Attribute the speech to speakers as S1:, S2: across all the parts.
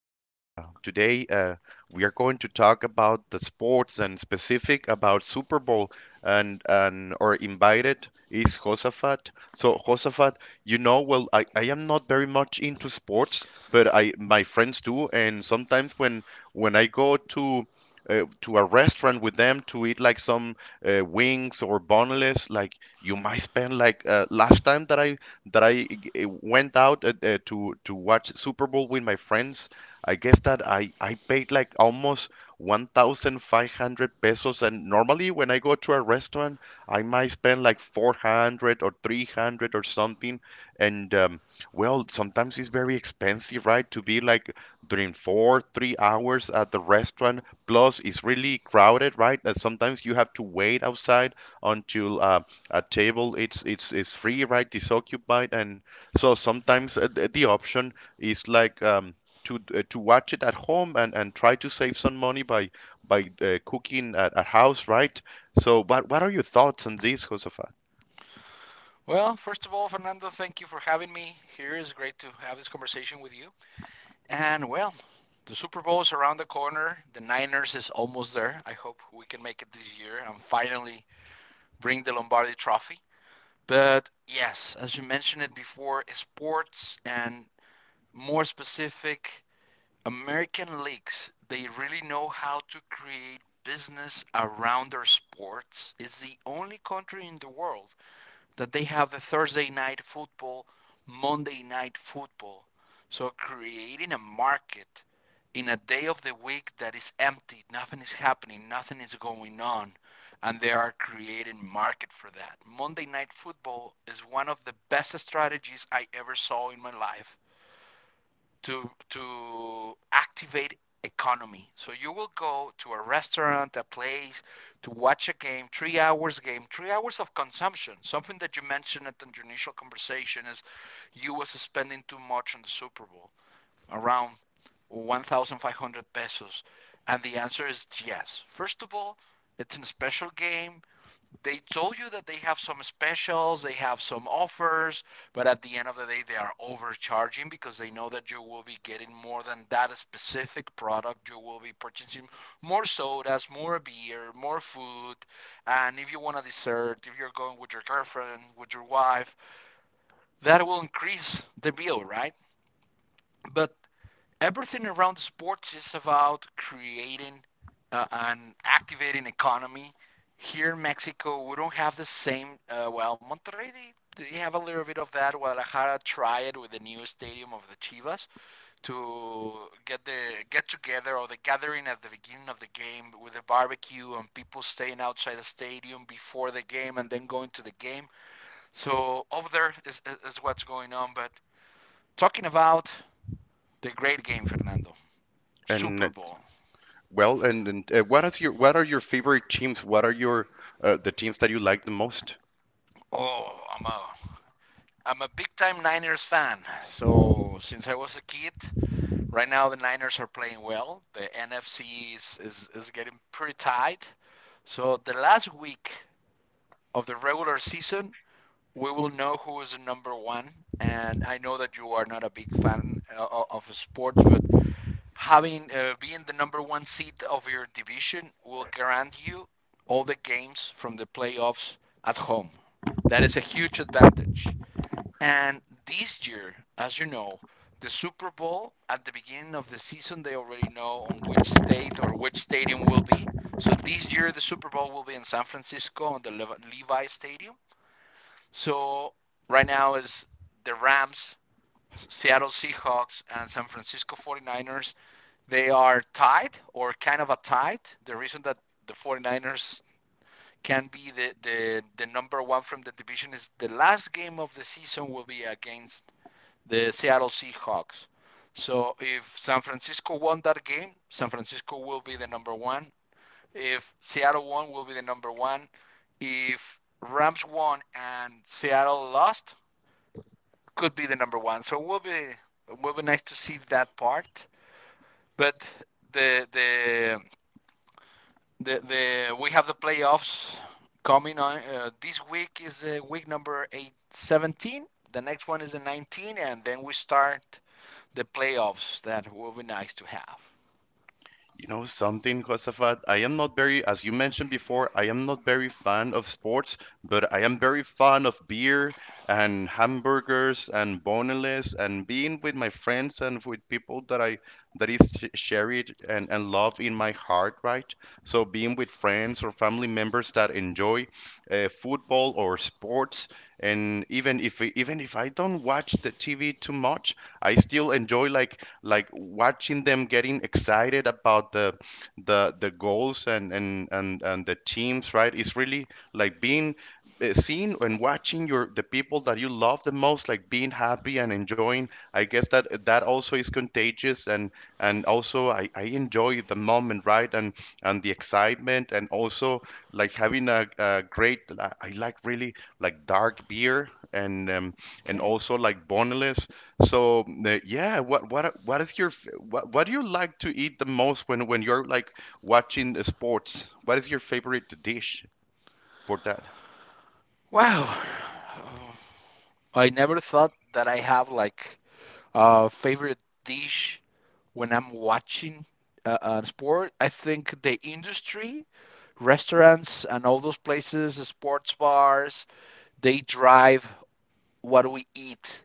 S1: and today we are going to talk about the sports and specific about Super Bowl. And our invited is Josafat. So Josafat, you know, well, I am not very much into sports, but I my friends do, and sometimes when I go to a restaurant with them to eat like some wings or boneless, like you might spend like last time that I went out to watch Super Bowl with my friends. I guess that I paid like almost 1,500 pesos, and normally when I go to a restaurant, I might spend like 400 or 300 or something. And Well, sometimes it's very expensive, right? To be like during four, 3 hours at the restaurant. Plus, it's really crowded, right? And sometimes you have to wait outside until a table it's free, right? Disoccupied. And so sometimes the option is like to watch it at home and try to save some money by cooking at house, right? So what are your thoughts on this, Josafat?
S2: Well, first of all, Fernando, thank you for having me here. It's great to have this conversation with you. And well, the Super Bowl is around the corner. The Niners is almost there. I hope we can make it this year and finally bring the Lombardi Trophy. But yes, as you mentioned it before, sports and more specific American leagues, they really know how to create business around their sports. It's the only country in the world that they have a Thursday night football, Monday night football. So creating a market in a day of the week that is empty, nothing is happening, nothing is going on, and they are creating market for that. Monday night football is one of the best strategies I ever saw in my life to activate economy. So you will go to a restaurant, a place to watch a game, 3 hours game, 3 hours of consumption. Something that you mentioned at the initial conversation is you were spending too much on the Super Bowl, around 1,500 pesos. And the answer is yes. First of all, it's a special game. They told you that they have some specials, they have some offers, but at the end of the day, they are overcharging because they know that you will be getting more than that specific product. You will be purchasing more sodas, more beer, more food, and if you want a dessert, if you're going with your girlfriend, with your wife, that will increase the bill, right? But everything around sports is about creating an activating economy. Here in Mexico, we don't have the same. Well, Monterrey, they have a little bit of that. Guadalajara tried with the new stadium of the Chivas to get the get together or the gathering at the beginning of the game with a barbecue and people staying outside the stadium before the game and then going to the game. So over is what's going on. But talking about the great game, Fernando,
S1: And uh,
S2: Super Bowl.
S1: and what is your what are your favorite teams? What are your the teams that you like the most?
S2: Oh, I'm a I'm a big time Niners fan. So since I was a kid, right now the Niners are playing well. The NFC is getting pretty tight. So the last week of the regular season, we will know who is the number one. And I know that you are not a big fan of sports, but having being the number one seed of your division will grant you all the games from the playoffs at home. That is a huge advantage. And this year, as you know, the Super Bowl at the beginning of the season, they already know on which state or which stadium will be. So this year, the Super Bowl will be in San Francisco on the Levi Stadium. So right now is the Rams, Seattle Seahawks, and San Francisco 49ers. They are tied or kind of a tied. The reason that the 49ers can be the number one from the division is the last game of the season will be against the Seattle Seahawks. So if San Francisco won that game, San Francisco will be the number one. If Seattle won, will be the number one. If Rams won and Seattle lost, could be the number one. So it will be nice to see that part. But the the the we have the playoffs coming on. This week is week number 8 17. The next one is the 19, and then we start the playoffs that will be nice to have.
S1: You know something, Josafat? I am not very, as you mentioned before, I am not very fan of sports, but I am very fan of beer and hamburgers and boneless and being with my friends and with people that I that is cherished and love in my heart, right? So being with friends or family members that enjoy football or sports and even if I don't watch the TV too much, I still enjoy like watching them getting excited about the goals and the teams, right? It's really like being seeing and watching your the people that you love the most like being happy and enjoying, I guess that that also is contagious, and also I enjoy the moment, right? And the excitement and also like having a great I like really like dark beer and and
S2: Okay.
S1: also like boneless. So yeah, what is your f- what do you like to eat the most when you're like watching the sports? What is your favorite dish for that?
S2: Wow. Uh, I never thought that I have like a favorite dish when I'm watching sport. I think the industry, restaurants, and all those places, sports bars, they drive what we eat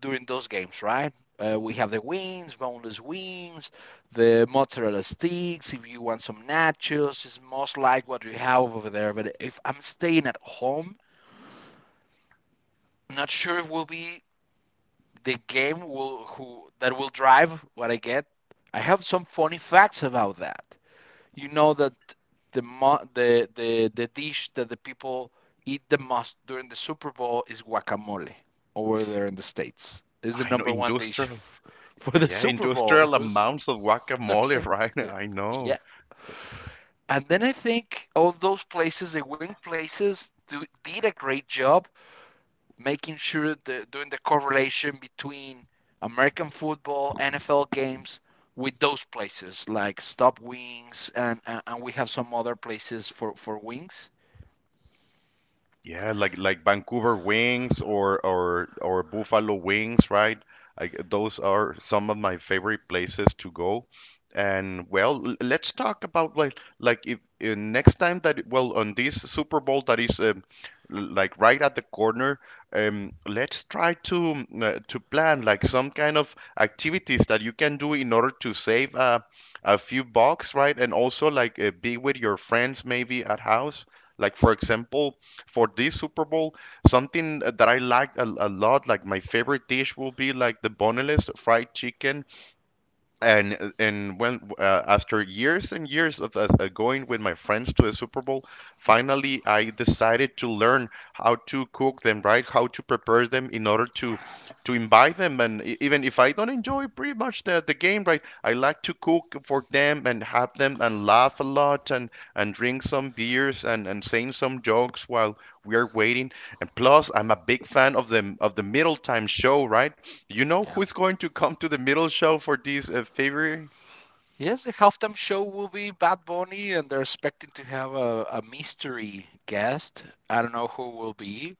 S2: during those games, right? We have the wings, boneless wings, the mozzarella sticks. If you want some nachos, it's most like what we have over there. But if I'm staying at home, I'm not sure if will be the game will who that will drive what I get. I have some funny facts about that. You know that the dish that the people eat the most during the Super Bowl is guacamole over there in the states. It's the
S1: I know,
S2: number one dish
S1: industrial.
S2: for the
S1: Yeah,
S2: Super Bowl.
S1: industrial amounts of guacamole, right?
S2: Yeah.
S1: I
S2: Yeah.
S1: know.
S2: And then I think all those places, the wing places, did a great job making sure the doing the correlation between American football, NFL games with those places like Stop Wings, and and we have some other places for wings.
S1: Yeah, like Vancouver wings or Buffalo wings, right? Like those are some of my favorite places to go. And well, let's talk about like if, next time that, well, on this Super Bowl that is like right at the corner, let's try to to plan like some kind of activities that you can do in order to save a few bucks, right? And also like be with your friends maybe at house. Like for example, for this Super Bowl, something that I liked a lot, like my favorite dish will be like the boneless fried chicken, and when after years and years of going with my friends to the Super Bowl, finally I decided to learn how to cook them, right? How to prepare them in order to invite them, and even if I don't enjoy pretty much the game, right? I like to cook for them and have them and laugh a lot and drink some beers and saying some jokes while we are waiting. And plus, I'm a big fan of the middle time show, right? You know
S2: Yeah.
S1: who's going to come to the middle show for this February?
S2: Yes, the halftime show will be Bad Bunny, and they're expecting to have a mystery guest. I don't know who will be.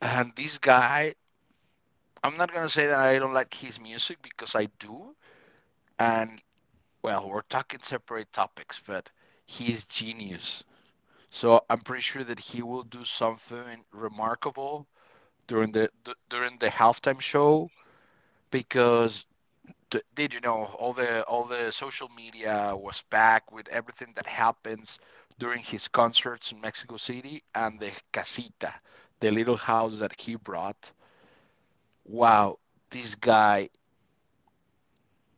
S2: And this guy, I'm not going to say that I don't like his music because I do. And, well, we're talking separate topics, but he is genius. So I'm pretty sure that he will do something remarkable during during the halftime show because did you know all the social media was packed with everything that happens during his concerts in Mexico City and the casita, the little house that he brought. Wow, this guy,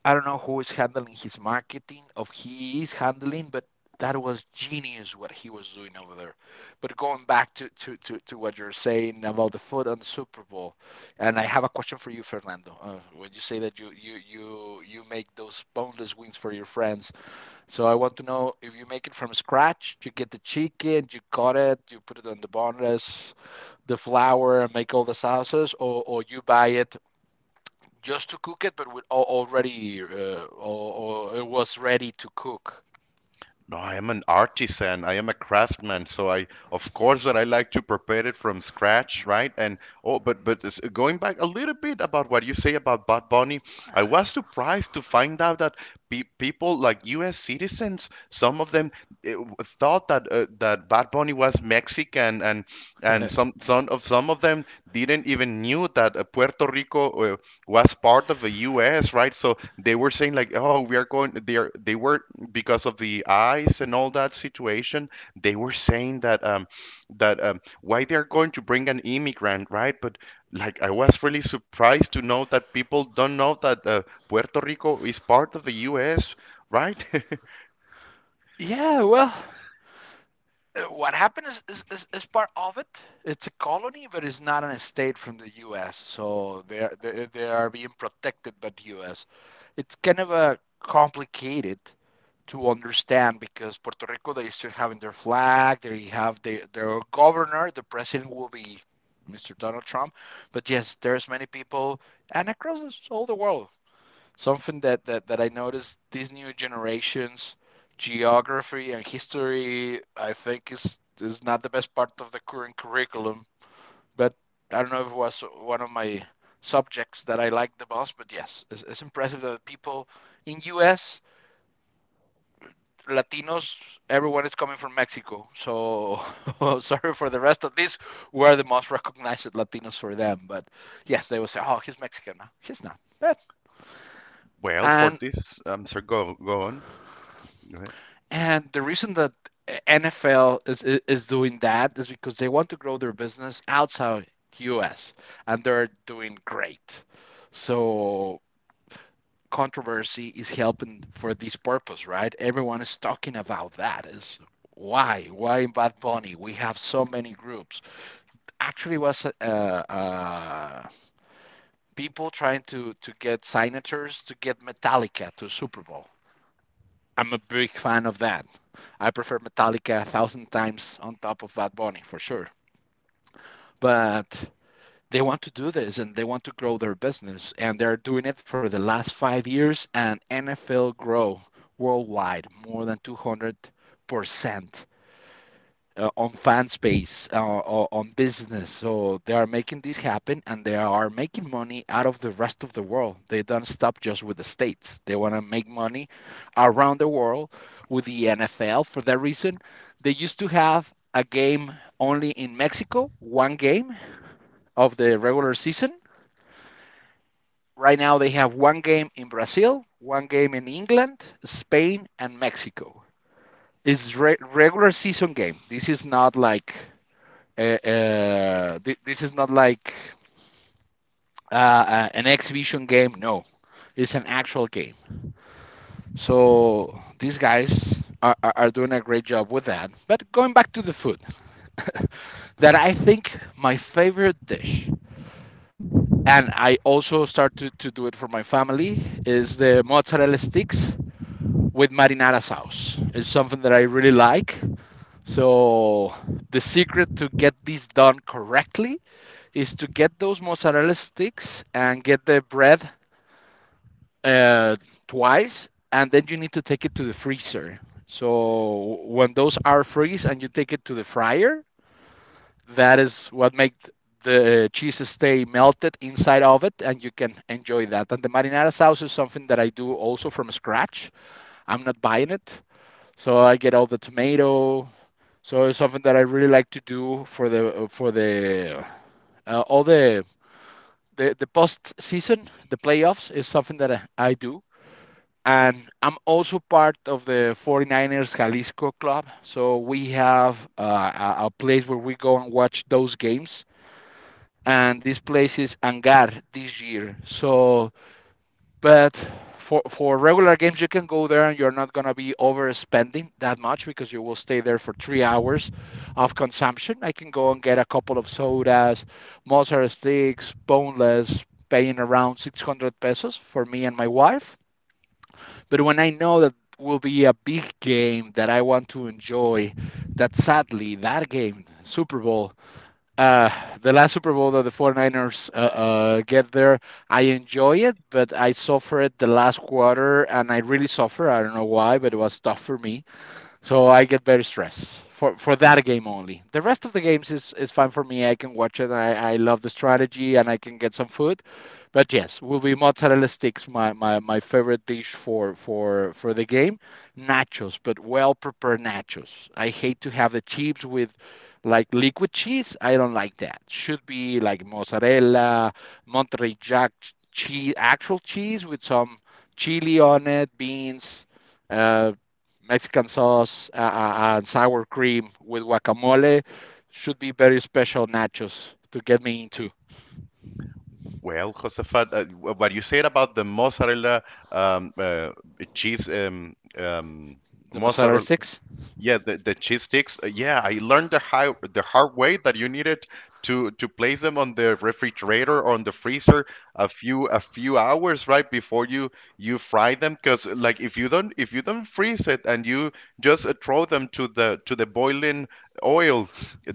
S2: I don't know who is handling his marketing, if he is handling, but that was genius what he was doing over there. But going back to what you're saying about the food and the Super Bowl, and I have a question for you, Fernando. When you say that you make those boneless wings for your friends, so I want to know if you make it from scratch, you get the chicken, you cut it, you put it on the boneless, the flour, and make all the sauces, or you buy it just to cook it, but with or it was ready to cook.
S1: No, I am an artisan. I am a craftsman, so I, of course, that I like to prepare it from scratch, right? And oh, but going back a little bit about what you say about Bad Bunny, I was surprised to find out that pe people like U.S. citizens, some of them thought that that Bad Bunny was Mexican, and and some of them didn't even knew that Puerto Rico was part of the U.S., right? So they were saying like, oh, we are going. They are, they were, because of the eyes and all that situation, they were saying that why they're going to bring an immigrant, right? But like I was really surprised to know that people don't know that Puerto Rico is part of the U.S., right?
S2: Yeah, well, what happened is, is part of it. It's a colony, but it's not an estate from the U.S., so they are, they are being protected by the U.S. It's kind of a complicated to understand because Puerto Rico they still have their flag, they have their governor, the president will be Mr. Donald Trump, but yes, there's many people and across all the world, something that I noticed these new generations, geography and history, I think is not the best part of the current curriculum. But I don't know if it was one of my subjects that I liked the most. But yes, it's impressive that people in U.S. Latinos, everyone is coming from Mexico. So sorry for the rest of this, we're the most recognized Latinos for them. But yes, they will say, oh, he's Mexican. No, he's not. But,
S1: Well, for
S2: and
S1: this, I'm sorry, go, go on. Go ahead.
S2: and the reason that NFL is doing that is because they want to grow their business outside the U.S. and they're doing great. So controversy is helping for this purpose, right? Everyone is talking about that. Is why in Bad Bunny we have so many groups. Actually, was uh, people trying to get signatures to get Metallica to Super Bowl. I'm a big fan of that. I prefer Metallica a thousand times on top of Bad Bunny for sure. But they want to do this and they want to grow their business and they're doing it for the last 5 years and NFL grow worldwide more than 200 percent on fan space or on business. So they are making this happen and they are making money out of the rest of the world. They don't stop just with the States. They want to make money around the world with the NFL. For that reason, they used to have a game only in Mexico, one game of the regular season. Right now, they have one game in Brazil, one game in England, Spain, and Mexico. It's regular season game. This is not like this is not like an exhibition game. No, it's an actual game. So these guys are, are doing a great job with that. But going back to the food, that I think my favorite dish, and I also start to do it for my family, is the mozzarella sticks with marinara sauce. It's something that I really like. So the secret to get this done correctly is to get those mozzarella sticks and get the bread uh, twice, and then you need to take it to the freezer. So when those are freeze and you take it to the fryer, that is what makes the cheese stay melted inside of it and you can enjoy that. And the marinara sauce is something that I do also from scratch. I'm not buying it. So I get all the tomato. So it's something that I really like to do for the all the post season, the playoffs is something that do. And I'm also part of the Niners Jalisco Club. So we have a place where we go and watch those games. And this place is Angar this year. But for regular games, you can go there and you're not gonna be overspending that much because you will stay there for 3 hours of consumption. I can go and get a couple of sodas, mozzarella sticks, boneless, paying around 600 pesos for me and my wife. But when I know that will be a big game that I want to enjoy, that sadly that game, Super Bowl, uh, the last Super Bowl that the Niners get there, I enjoy it, but I suffered the last quarter and I really suffer. I don't know why, but it was tough for me, so I get very stressed for that game only. The rest of the games is fine for me. I can watch it. I love the strategy and I can get some food. But yes, will be mozzarella sticks my favorite dish for the game. Nachos, but well prepared nachos. I hate to have the chips with like liquid cheese. I don't like that. Should be like mozzarella, Monterey Jack cheese, actual cheese with some chili on it, beans, uh, Mexican sauce, and sour cream with guacamole. Should be very special nachos to get me into
S1: Well, Josefat, what you said about the mozzarella um, uh, cheese,
S2: the mozzarella
S1: mozzarella,
S2: sticks.
S1: yeah, the cheese sticks. Yeah, I learned the high, the hard way that you needed to place them on the refrigerator or on the freezer a few hours right before you you fry them. Because like if you don't, if you don't freeze it and you just throw them to the boiling oil,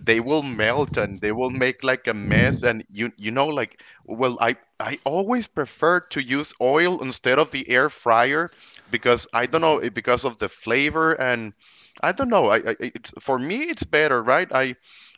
S1: they will melt and they will make like a mess. And you know like, well, I always prefer to use oil instead of the air fryer because I don't know, because of the flavor, and I don't know. I it's for me it's better, right? I,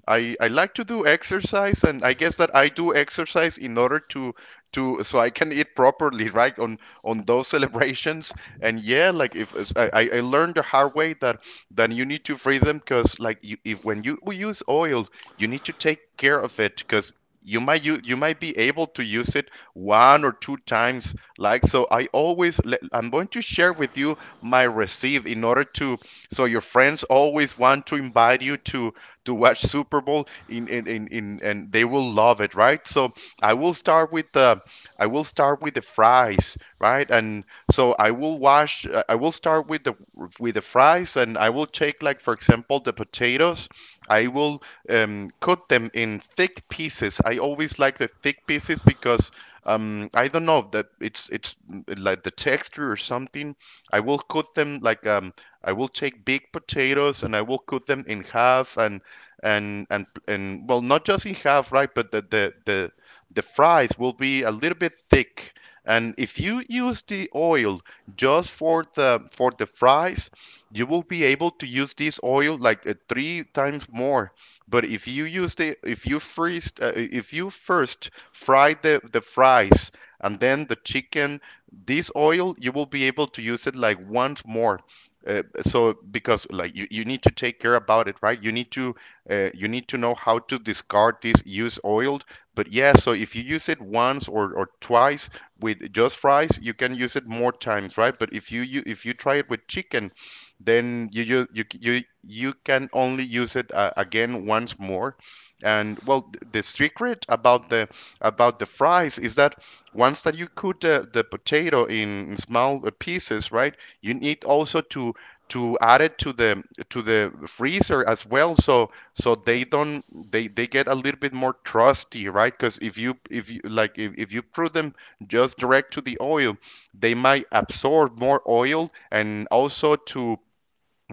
S1: I I like to do exercise, and I guess that I do exercise in order to so I can eat properly, right? On those celebrations. And yeah, like if I learned the hard way that that you need to freeze them, because like you, if when you use oil, you need to take care of it because. You might you might be able to use it one or two times, like. So I always I'm going to share with you my receipt in order to so your friends always want to invite you to watch Super Bowl in and they will love it, right? So I will start with the I will start with the fries, right? And so I will wash I will start with the fries, and I will take like for example the potatoes. I will cut them in thick pieces. I always like the thick pieces because I don't know that it's like the texture or something. I will cut them like I will take big potatoes and I will cut them in half and well, not just in half, right? But the fries will be a little bit thick. And if you use the oil just for the fries, you will be able to use this oil like three times more. But if you use the if you freeze if you first fry the fries and then the chicken, this oil you will be able to use it like once more. So because like you need to take care about it, right? You need to you need to know how to discard this used oil. But yeah, so if you use it once or twice with just fries, you can use it more times, right? But if you if you try it with chicken, then you can only use it again once more. And well, the secret about the fries is that once that you cook the potato in small pieces, right? You need also to add it to the freezer as well, so so they
S2: Yep.
S1: don't they get a little bit more trusty, right? Because if you like, if you put them just direct to the oil, they might absorb more oil, and also to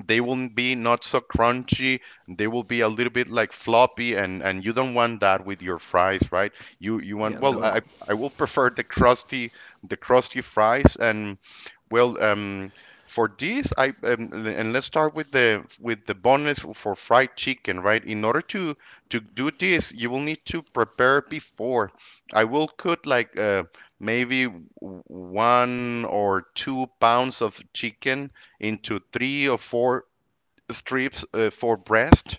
S1: they will be not so crunchy, they will be a little bit like floppy, and you don't want that with your fries, right? You
S2: Yeah,
S1: want, well,
S2: no.
S1: I will prefer the crusty fries. And well, for this I and let's start with the bonus for fried chicken, right? In order to do this, you will need to prepare before I will cook like maybe 1 or 2 pounds of chicken into 3 or 4 strips for breast.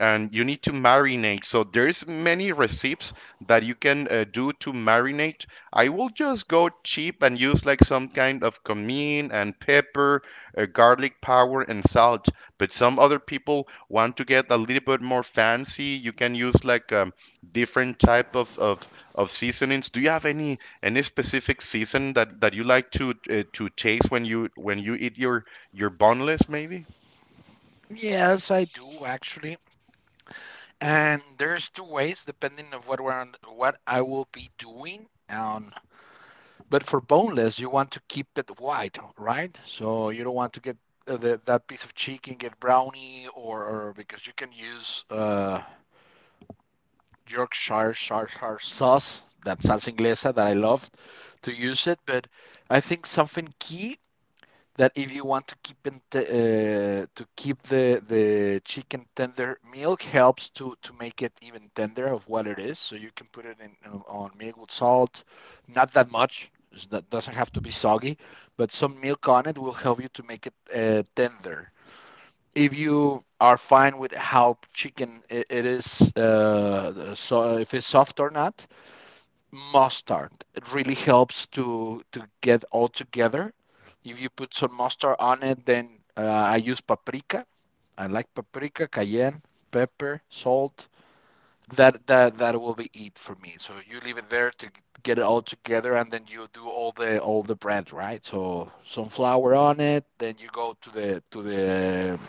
S1: And you need to marinate, so there's many recipes that you can do to marinate. I will just go cheap and use like some kind of cumin and pepper, garlic powder and salt. But some other people want to get a little bit more fancy, you can use like different type of seasonings. Do you have any specific season that you like to taste when you eat your boneless maybe.
S2: Yes, I do actually. And there's two ways depending of what we're on, what I will be doing on. But for boneless, you want to keep it white, right? So you don't want to get that piece of chicken get brownie, or because you can use Yorkshire shar sauce, that salsa inglesa that I love to use it. But I think something key, that if you want to keep the chicken tender, milk helps to make it even tender of what it is. So you can put it in on milk with salt, not that much. It's doesn't have to be soggy, but some milk on it will help you to make it tender if you are fine with how chicken it is, so if it's soft or not, mustard. It really helps to get all together. If you put some mustard on it, then I use paprika. I like paprika, cayenne, pepper, salt. That will be it for me. So you leave it there to get it all together, and then you do all the bread, right? So some flour on it, then you go to the to the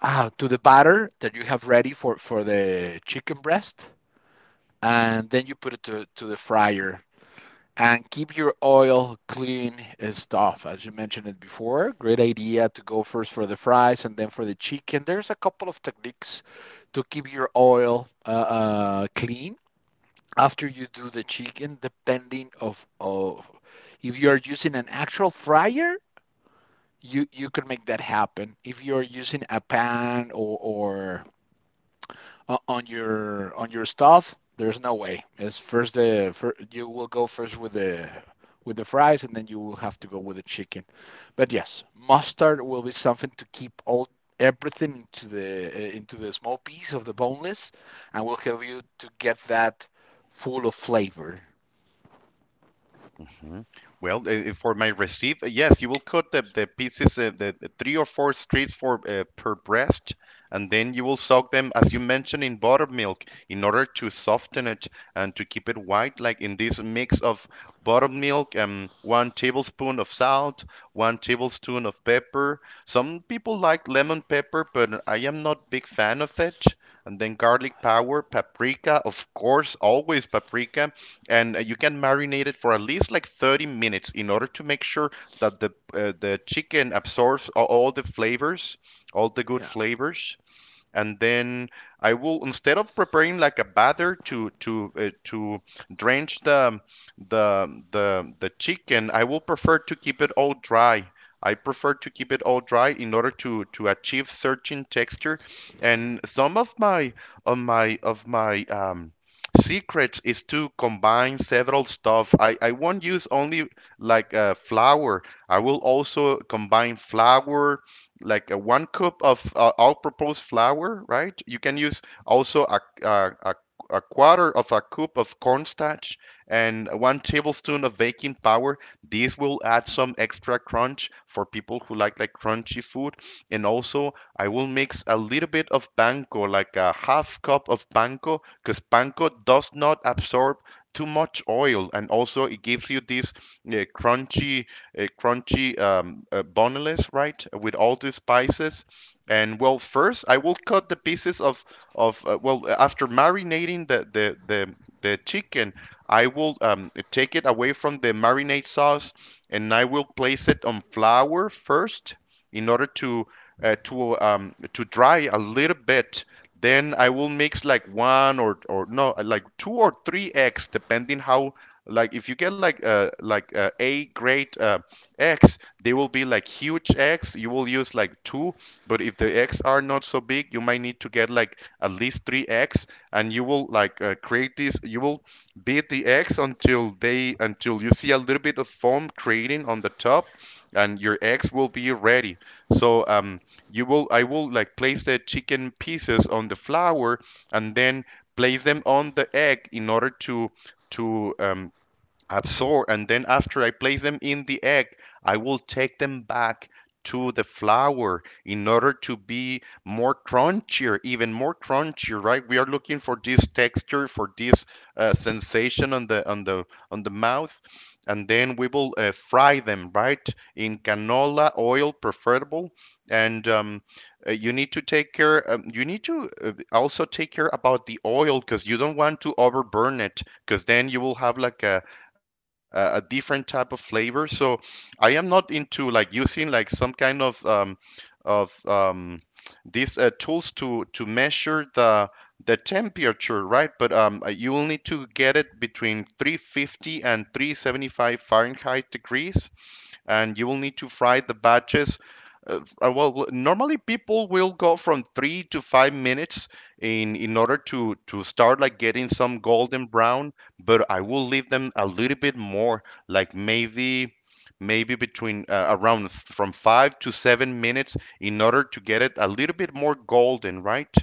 S2: uh, to the batter that you have ready for the chicken breast, and then you put it to the fryer. And keep your oil clean stuff, as you mentioned it before. Great idea to go first for the fries and then for the chicken. There's a couple of techniques to keep your oil clean after you do the chicken, of if you are using an actual fryer, you can make that happen. If you're using a pan, or on your stuff, there's no way. It's first the fir you will go first with the fries, and then you will have to go with the chicken. But yes, mustard will be something to keep all everything into the small piece of the boneless, and will help you to get that full of flavor.
S1: Hmm. Well, for my receipt, yes, you will cut the pieces, the three or four strips for per breast, and then you will soak them, as you mentioned, in buttermilk in order to soften it and to keep it white. Like in this mix of buttermilk, one tablespoon of salt, one tablespoon of pepper. Some people like lemon pepper, but I am not big fan of it. And then garlic powder, paprika, of course, always paprika, and you can marinate it for at least like 30 minutes in order to make sure that the chicken absorbs all the flavors, all the good
S2: Yeah.
S1: flavors, and then I will, instead of preparing like a batter to drench the the chicken. I will prefer to keep it all dry. I prefer to keep it all dry in order to achieve certain texture. And some of my of my of my um secrets is to combine several stuff. I won't use only like flour. I will also combine flour like a one cup of all purpose flour, right? You can use also a quarter of a cup of cornstarch and one tablespoon of baking powder. This will add some extra crunch for people who like crunchy food. And also, I will mix a little bit of panko, like a half cup of panko, because panko does not absorb too much oil, and also it gives you this uh, crunchy crunchy boneless, right, with all the spices. And well, first I will cut the pieces of well, after marinating the chicken, I will take it away from the marinade sauce and I will place it on flour first in order to to dry a little bit. Then I will mix like one or no like two or three eggs, depending how, like if you get like a great X, they will be like huge X. You will use like two, but if the X are not so big, you might need to get like at least three X, and you will like create this. You will beat the X until they until you see a little bit of foam creating on the top, and your eggs will be ready. So you will I will like place the chicken pieces on the flour and then place them on the egg in order to to um, absorb, and then after I place them in the egg, I will take them back to the flour in order to be more crunchier, even more crunchier, right? We are looking for this texture, for this sensation on the on the mouth. And then we will fry them, right, in canola oil preferable. And you need to take care, you need to also take care about the oil, because you don't want to overburn it, because then you will have like a different type of flavor. So I am not into like using like some kind of of um, these tools to measure the temperature, right? But you will need to get it between 350 and 375 Fahrenheit degrees, and you will need to fry the batches. Well, normally people will go from 3 to 5 minutes in order to start like getting some golden brown, but I will leave them a little bit more, like maybe between around from 5 to 7 minutes in order to get it a little bit more golden, right?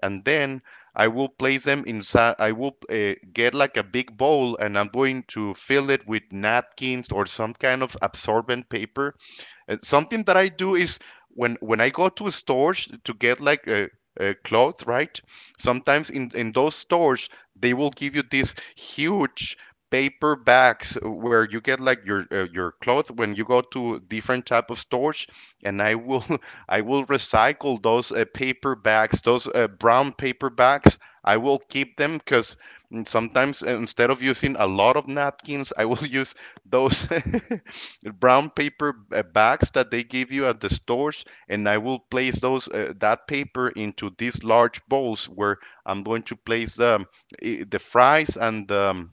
S1: And then I will place them inside. I will get like a big bowl, and I'm going to fill it with napkins or some kind of absorbent paper. And something that I do is, when I go to stores to get like a cloth, right? Sometimes in those stores they will give you these huge paper bags where you get like your cloth when you go to different type of stores, and I will I will recycle those paper bags, those brown paper bags. I will keep them because sometimes instead of using a lot of napkins, I will use those brown paper bags that they give you at the stores, and I will place those that paper into these large bowls where I'm going to place the the fries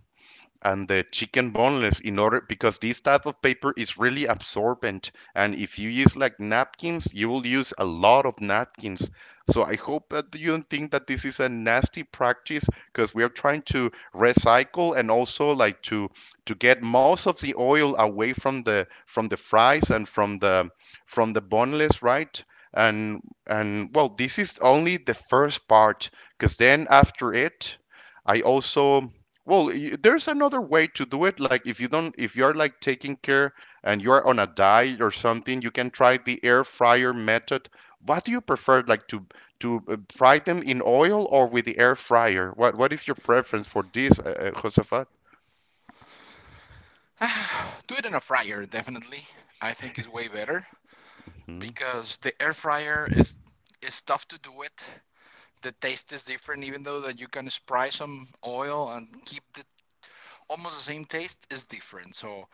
S1: and the chicken boneless, in order, because this type of paper is really absorbent, and if you use like napkins you will use a lot of napkins. So I hope that you don't think that this is a nasty practice, because we are trying to recycle and also like to get most of the oil away from the fries and from the boneless, right? And well, this is only the first part, because then after it I also, well, there's another way to do it. Like if you don't, if you're like taking care and you're on a diet or something, you can try the air fryer method. What do you prefer, like to fry them in oil or with the air fryer? What is your preference for this, Josefat?
S2: Do it in a fryer, definitely. I think is way better because the air fryer is tough to do it, the taste is different, even though that you can spray some oil and keep the, almost the same taste is different. So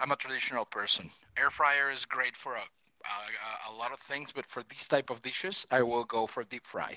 S2: I'm a traditional person. Air fryer is great for a lot of things, but for these type of dishes, I will go for deep fry.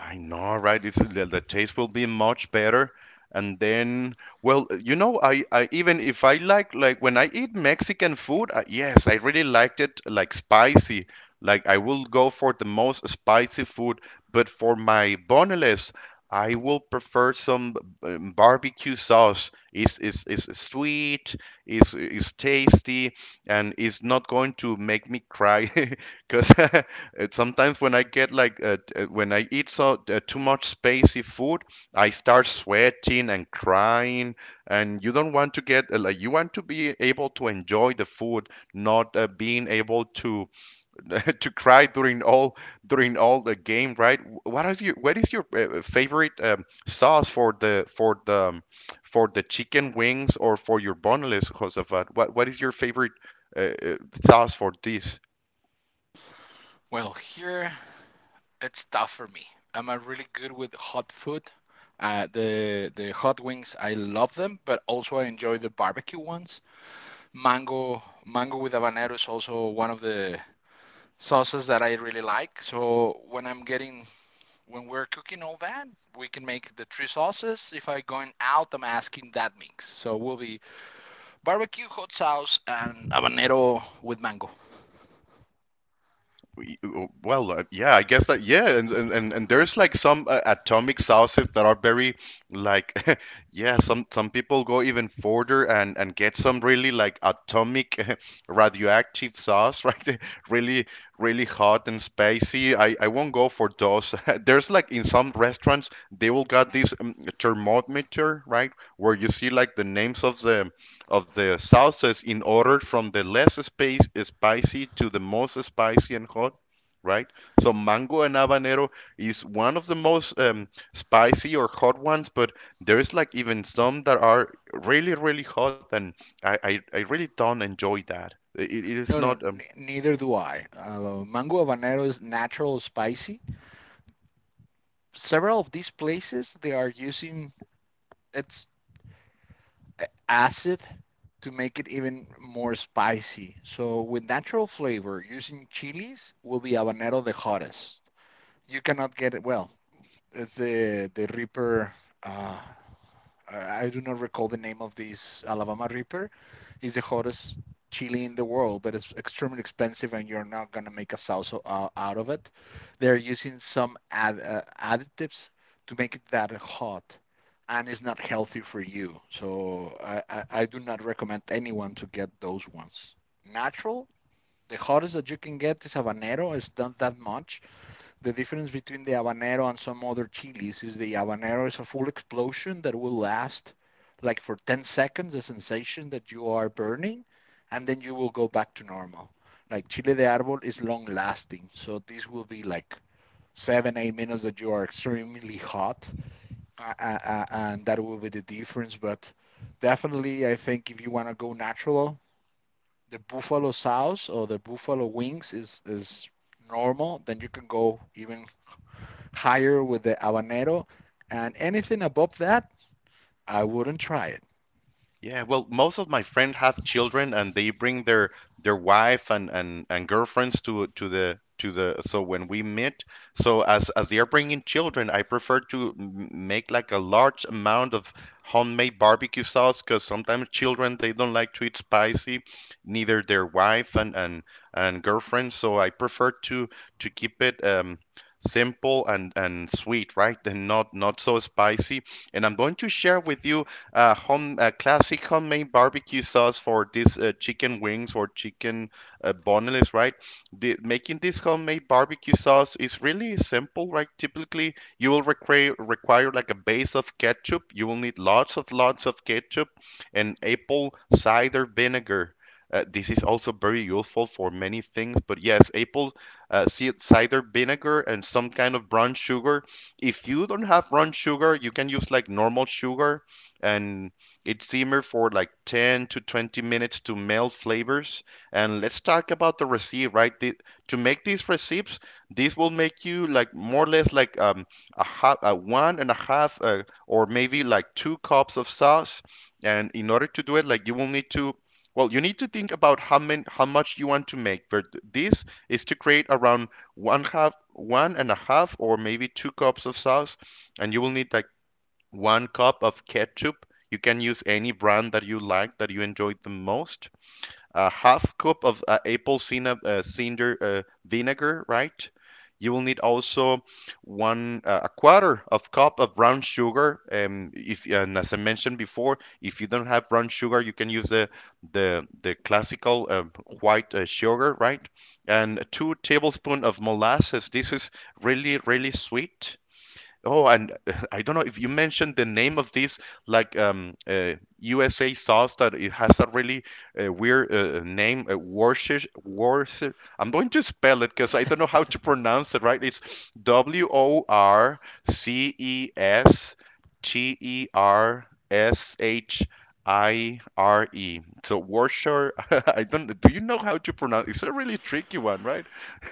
S1: I know, right? It's the taste will be much better. And then, well, you know, I even if I like when I eat Mexican food, I, yes, I really liked it like spicy. Like I will go for the most spicy food, but for my boneless, I will prefer some barbecue sauce. It's sweet, it's tasty, and it's not going to make me cry because it, sometimes when I get like when I eat so too much spicy food, I start sweating and crying, and you don't want to get like you want to be able to enjoy the food, not being able to to cry during all the game, right? What is your favorite sauce for the for the for the chicken wings or for your boneless, Josafat? What is your favorite uh, uh, sauce for this?
S2: Well, here it's tough for me. I'm a really good with hot food. The hot wings, I love them, but also I enjoy the barbecue ones. Mango with habanero is also one of the sauces that I really like. So when I'm getting, when we're cooking all that, we can make the three sauces. If I'm going out, I'm asking that mix. So we will be barbecue, hot sauce, and habanero with mango.
S1: Well, yeah, I guess that yeah, and and there's like some atomic sauces that are very like yeah, some people go even further and get some really like atomic radioactive sauce, right? Really really hot and spicy. I won't go for those. There's like, in some restaurants they will got this thermometer, right? Where you see like the names of the sauces in order from the less spicy to the most spicy and hot, right? So mango and habanero is one of the most spicy or hot ones, but there's like even some that are really, really hot, and I really don't enjoy that. It is
S2: No, no,
S1: not
S2: neither do I. Mango habanero is natural spicy. Several of these places they are using, it's acid to make it even more spicy. So with natural flavor, using chilies will be habanero the hottest. You cannot get it well. It's the Reaper, uh, I do not recall the name of this Alabama Reaper. It's the hottest chili in the world, but it's extremely expensive, and you're not gonna make a salsa out of it. They're using some additives to make it that hot, and it's not healthy for you. So I do not recommend anyone to get those ones. Natural, the hottest that you can get is habanero. It's not that much. The difference between the habanero and some other chilies is the habanero is a full explosion that will last like for 10 seconds, the sensation that you are burning, and then you will go back to normal. Like chile de árbol is long lasting, so this will be like seven, 8 minutes that you are extremely hot, and that will be the difference. But definitely, I think if you want to go natural, the buffalo sauce or the buffalo wings is normal. Then you can go even higher with the habanero, and anything above that, I wouldn't try it.
S1: yeah, well, most of my friends have children, and they bring their wife and girlfriends to the to the, so when we meet, so as they are bringing children, I prefer to make like a large amount of homemade barbecue sauce, because sometimes children they don't like to eat spicy, neither their wife and and girlfriend. So I prefer to keep it simple and sweet, right? And not not so spicy. And I'm going to share with you home classic homemade barbecue sauce for these chicken wings or chicken boneless, right? Making this homemade barbecue sauce is really simple, right? Typically, you will require like a base of ketchup. You will need lots of ketchup and apple cider vinegar. This is also very useful for many things, but yes, apple uh, cider vinegar, and some kind of brown sugar. If you don't have brown sugar, you can use like normal sugar, and it simmer for like 10 to 20 minutes to melt flavors. And let's talk about the recipe, right? To make these recipes, this will make you like more or less like a half, a one and a half, or maybe like two cups of sauce. And in order to do it, like you will need to, well, you need to think about how many, how much you want to make. But this is to create around one half, one and a half, or maybe two cups of sauce, and you will need like one cup of ketchup. You can use any brand that you like that you enjoy the most. A half cup of apple cider vinegar, right? You will need also one a quarter of cup of brown sugar. If and as I mentioned before, if you don't have brown sugar, you can use the classical white sugar, right? And two tablespoons of molasses. This is really really sweet. Oh, and I don't know if you mentioned the name of this USA sauce that it has a really weird name, Worcestershire. Worcester. I'm going to spell it because I don't know how to pronounce it right. It's Worcestershire. So Worcestershire. I don't. Do you know how to pronounce? It's a really tricky one, right?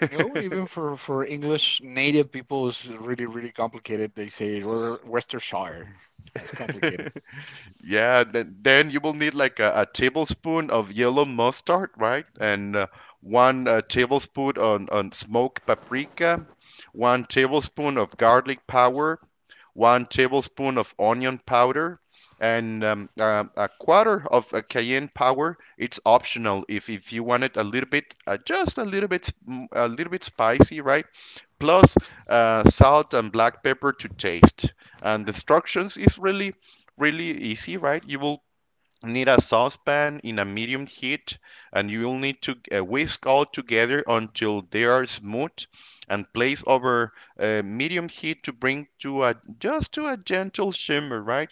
S2: You know, even for English native people, it's really, really complicated. They say Worcestershire. That's complicated.
S1: Yeah, then you will need like a tablespoon of yellow mustard, right? And one tablespoon on smoked paprika, one tablespoon of garlic powder, one tablespoon of onion powder, and a quarter of a cayenne powder. It's optional if you want it a little bit, just a little bit, a little bit spicy, right? Plus salt and black pepper to taste. And the instructions is really, really easy, right? You will need a saucepan in a medium heat and you will need to whisk all together until they are smooth and place over medium heat to bring to a just to a gentle shimmer, right.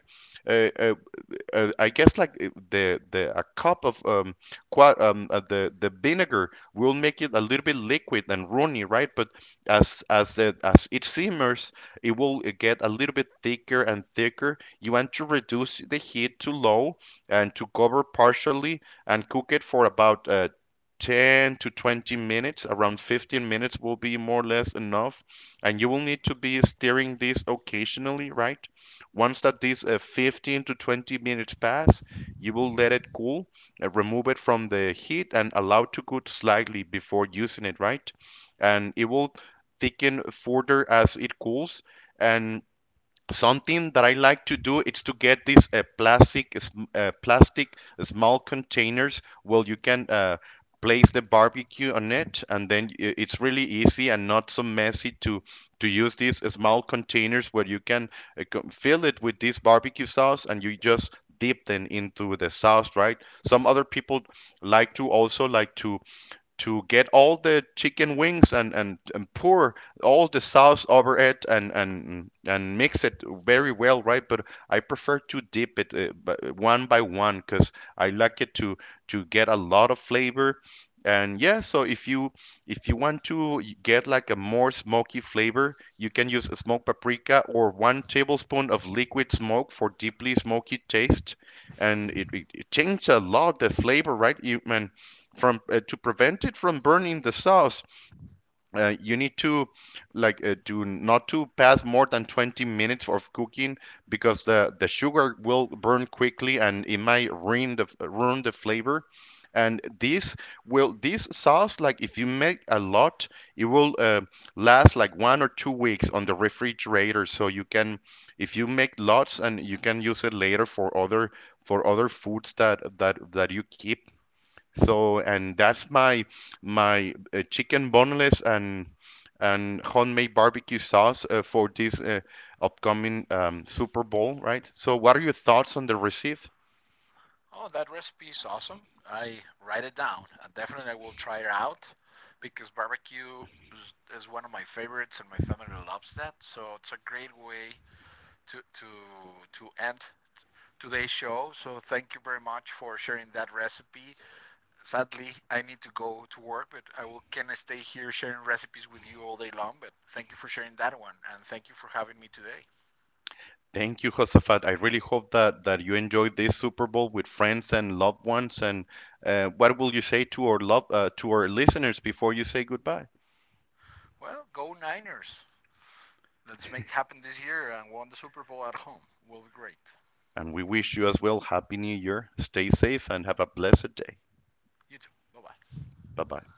S1: uh, uh, I guess like the a cup of qua the vinegar will make it a little bit liquid and runny, right? But as it simmers, it will get a little bit thicker and thicker. You want to reduce the heat to low and to cover partially and cook it for about 10 to 20 minutes, around 15 minutes will be more or less enough. And you will need to be stirring this occasionally, right? Once that these 15 to 20 minutes pass, you will let it cool, remove it from the heat, and allow it to cool slightly before using it, right? And it will thicken further as it cools. And something that I like to do is to get these plastic small containers where you can place the barbecue on it, and then it's really easy and not so messy to use these small containers where you can uh, fill it with this barbecue sauce and you just dip them into the sauce, right? Some other people like to also like to get all the chicken wings and pour all the sauce over it and mix it very well, right? But I prefer to dip it one by one because I like it to get a lot of flavor. And yeah, so if you want to get like a more smoky flavor, you can use a smoked paprika or one tablespoon of liquid smoke for deeply smoky taste. And it changes a lot the flavor, right? You man, from to prevent it from burning the sauce you need to like do not to pass more than 20 minutes of cooking because the sugar will burn quickly and it might ruin the flavor and this will this sauce like if you make a lot it will last like 1 or 2 weeks on the refrigerator so you can if you make lots and you can use it later for other foods that that you keep. So, and that's my chicken boneless and homemade barbecue sauce for this upcoming Super Bowl, right? So, what are your thoughts on the receipt?
S2: Oh, that recipe is awesome. I write it down. And definitely I will try it out because barbecue is one of my favorites and my family loves that. So it's a great way to to to end today's show. So thank you very much for sharing that recipe. Sadly, I need to go to work, but I will, can I stay here sharing recipes with you all day long. But thank you for sharing that one, and thank you for having me today.
S1: Thank you, Josafat. I really hope that you enjoyed this Super Bowl with friends and loved ones. And what will you say to our love to our listeners before you say goodbye?
S2: Well, go Niners! Let's make it happen this year and win the Super Bowl at home. Will be great.
S1: And we wish you as well Happy New Year. Stay safe and have a blessed day.
S2: You too. Bye bye.
S1: Bye bye.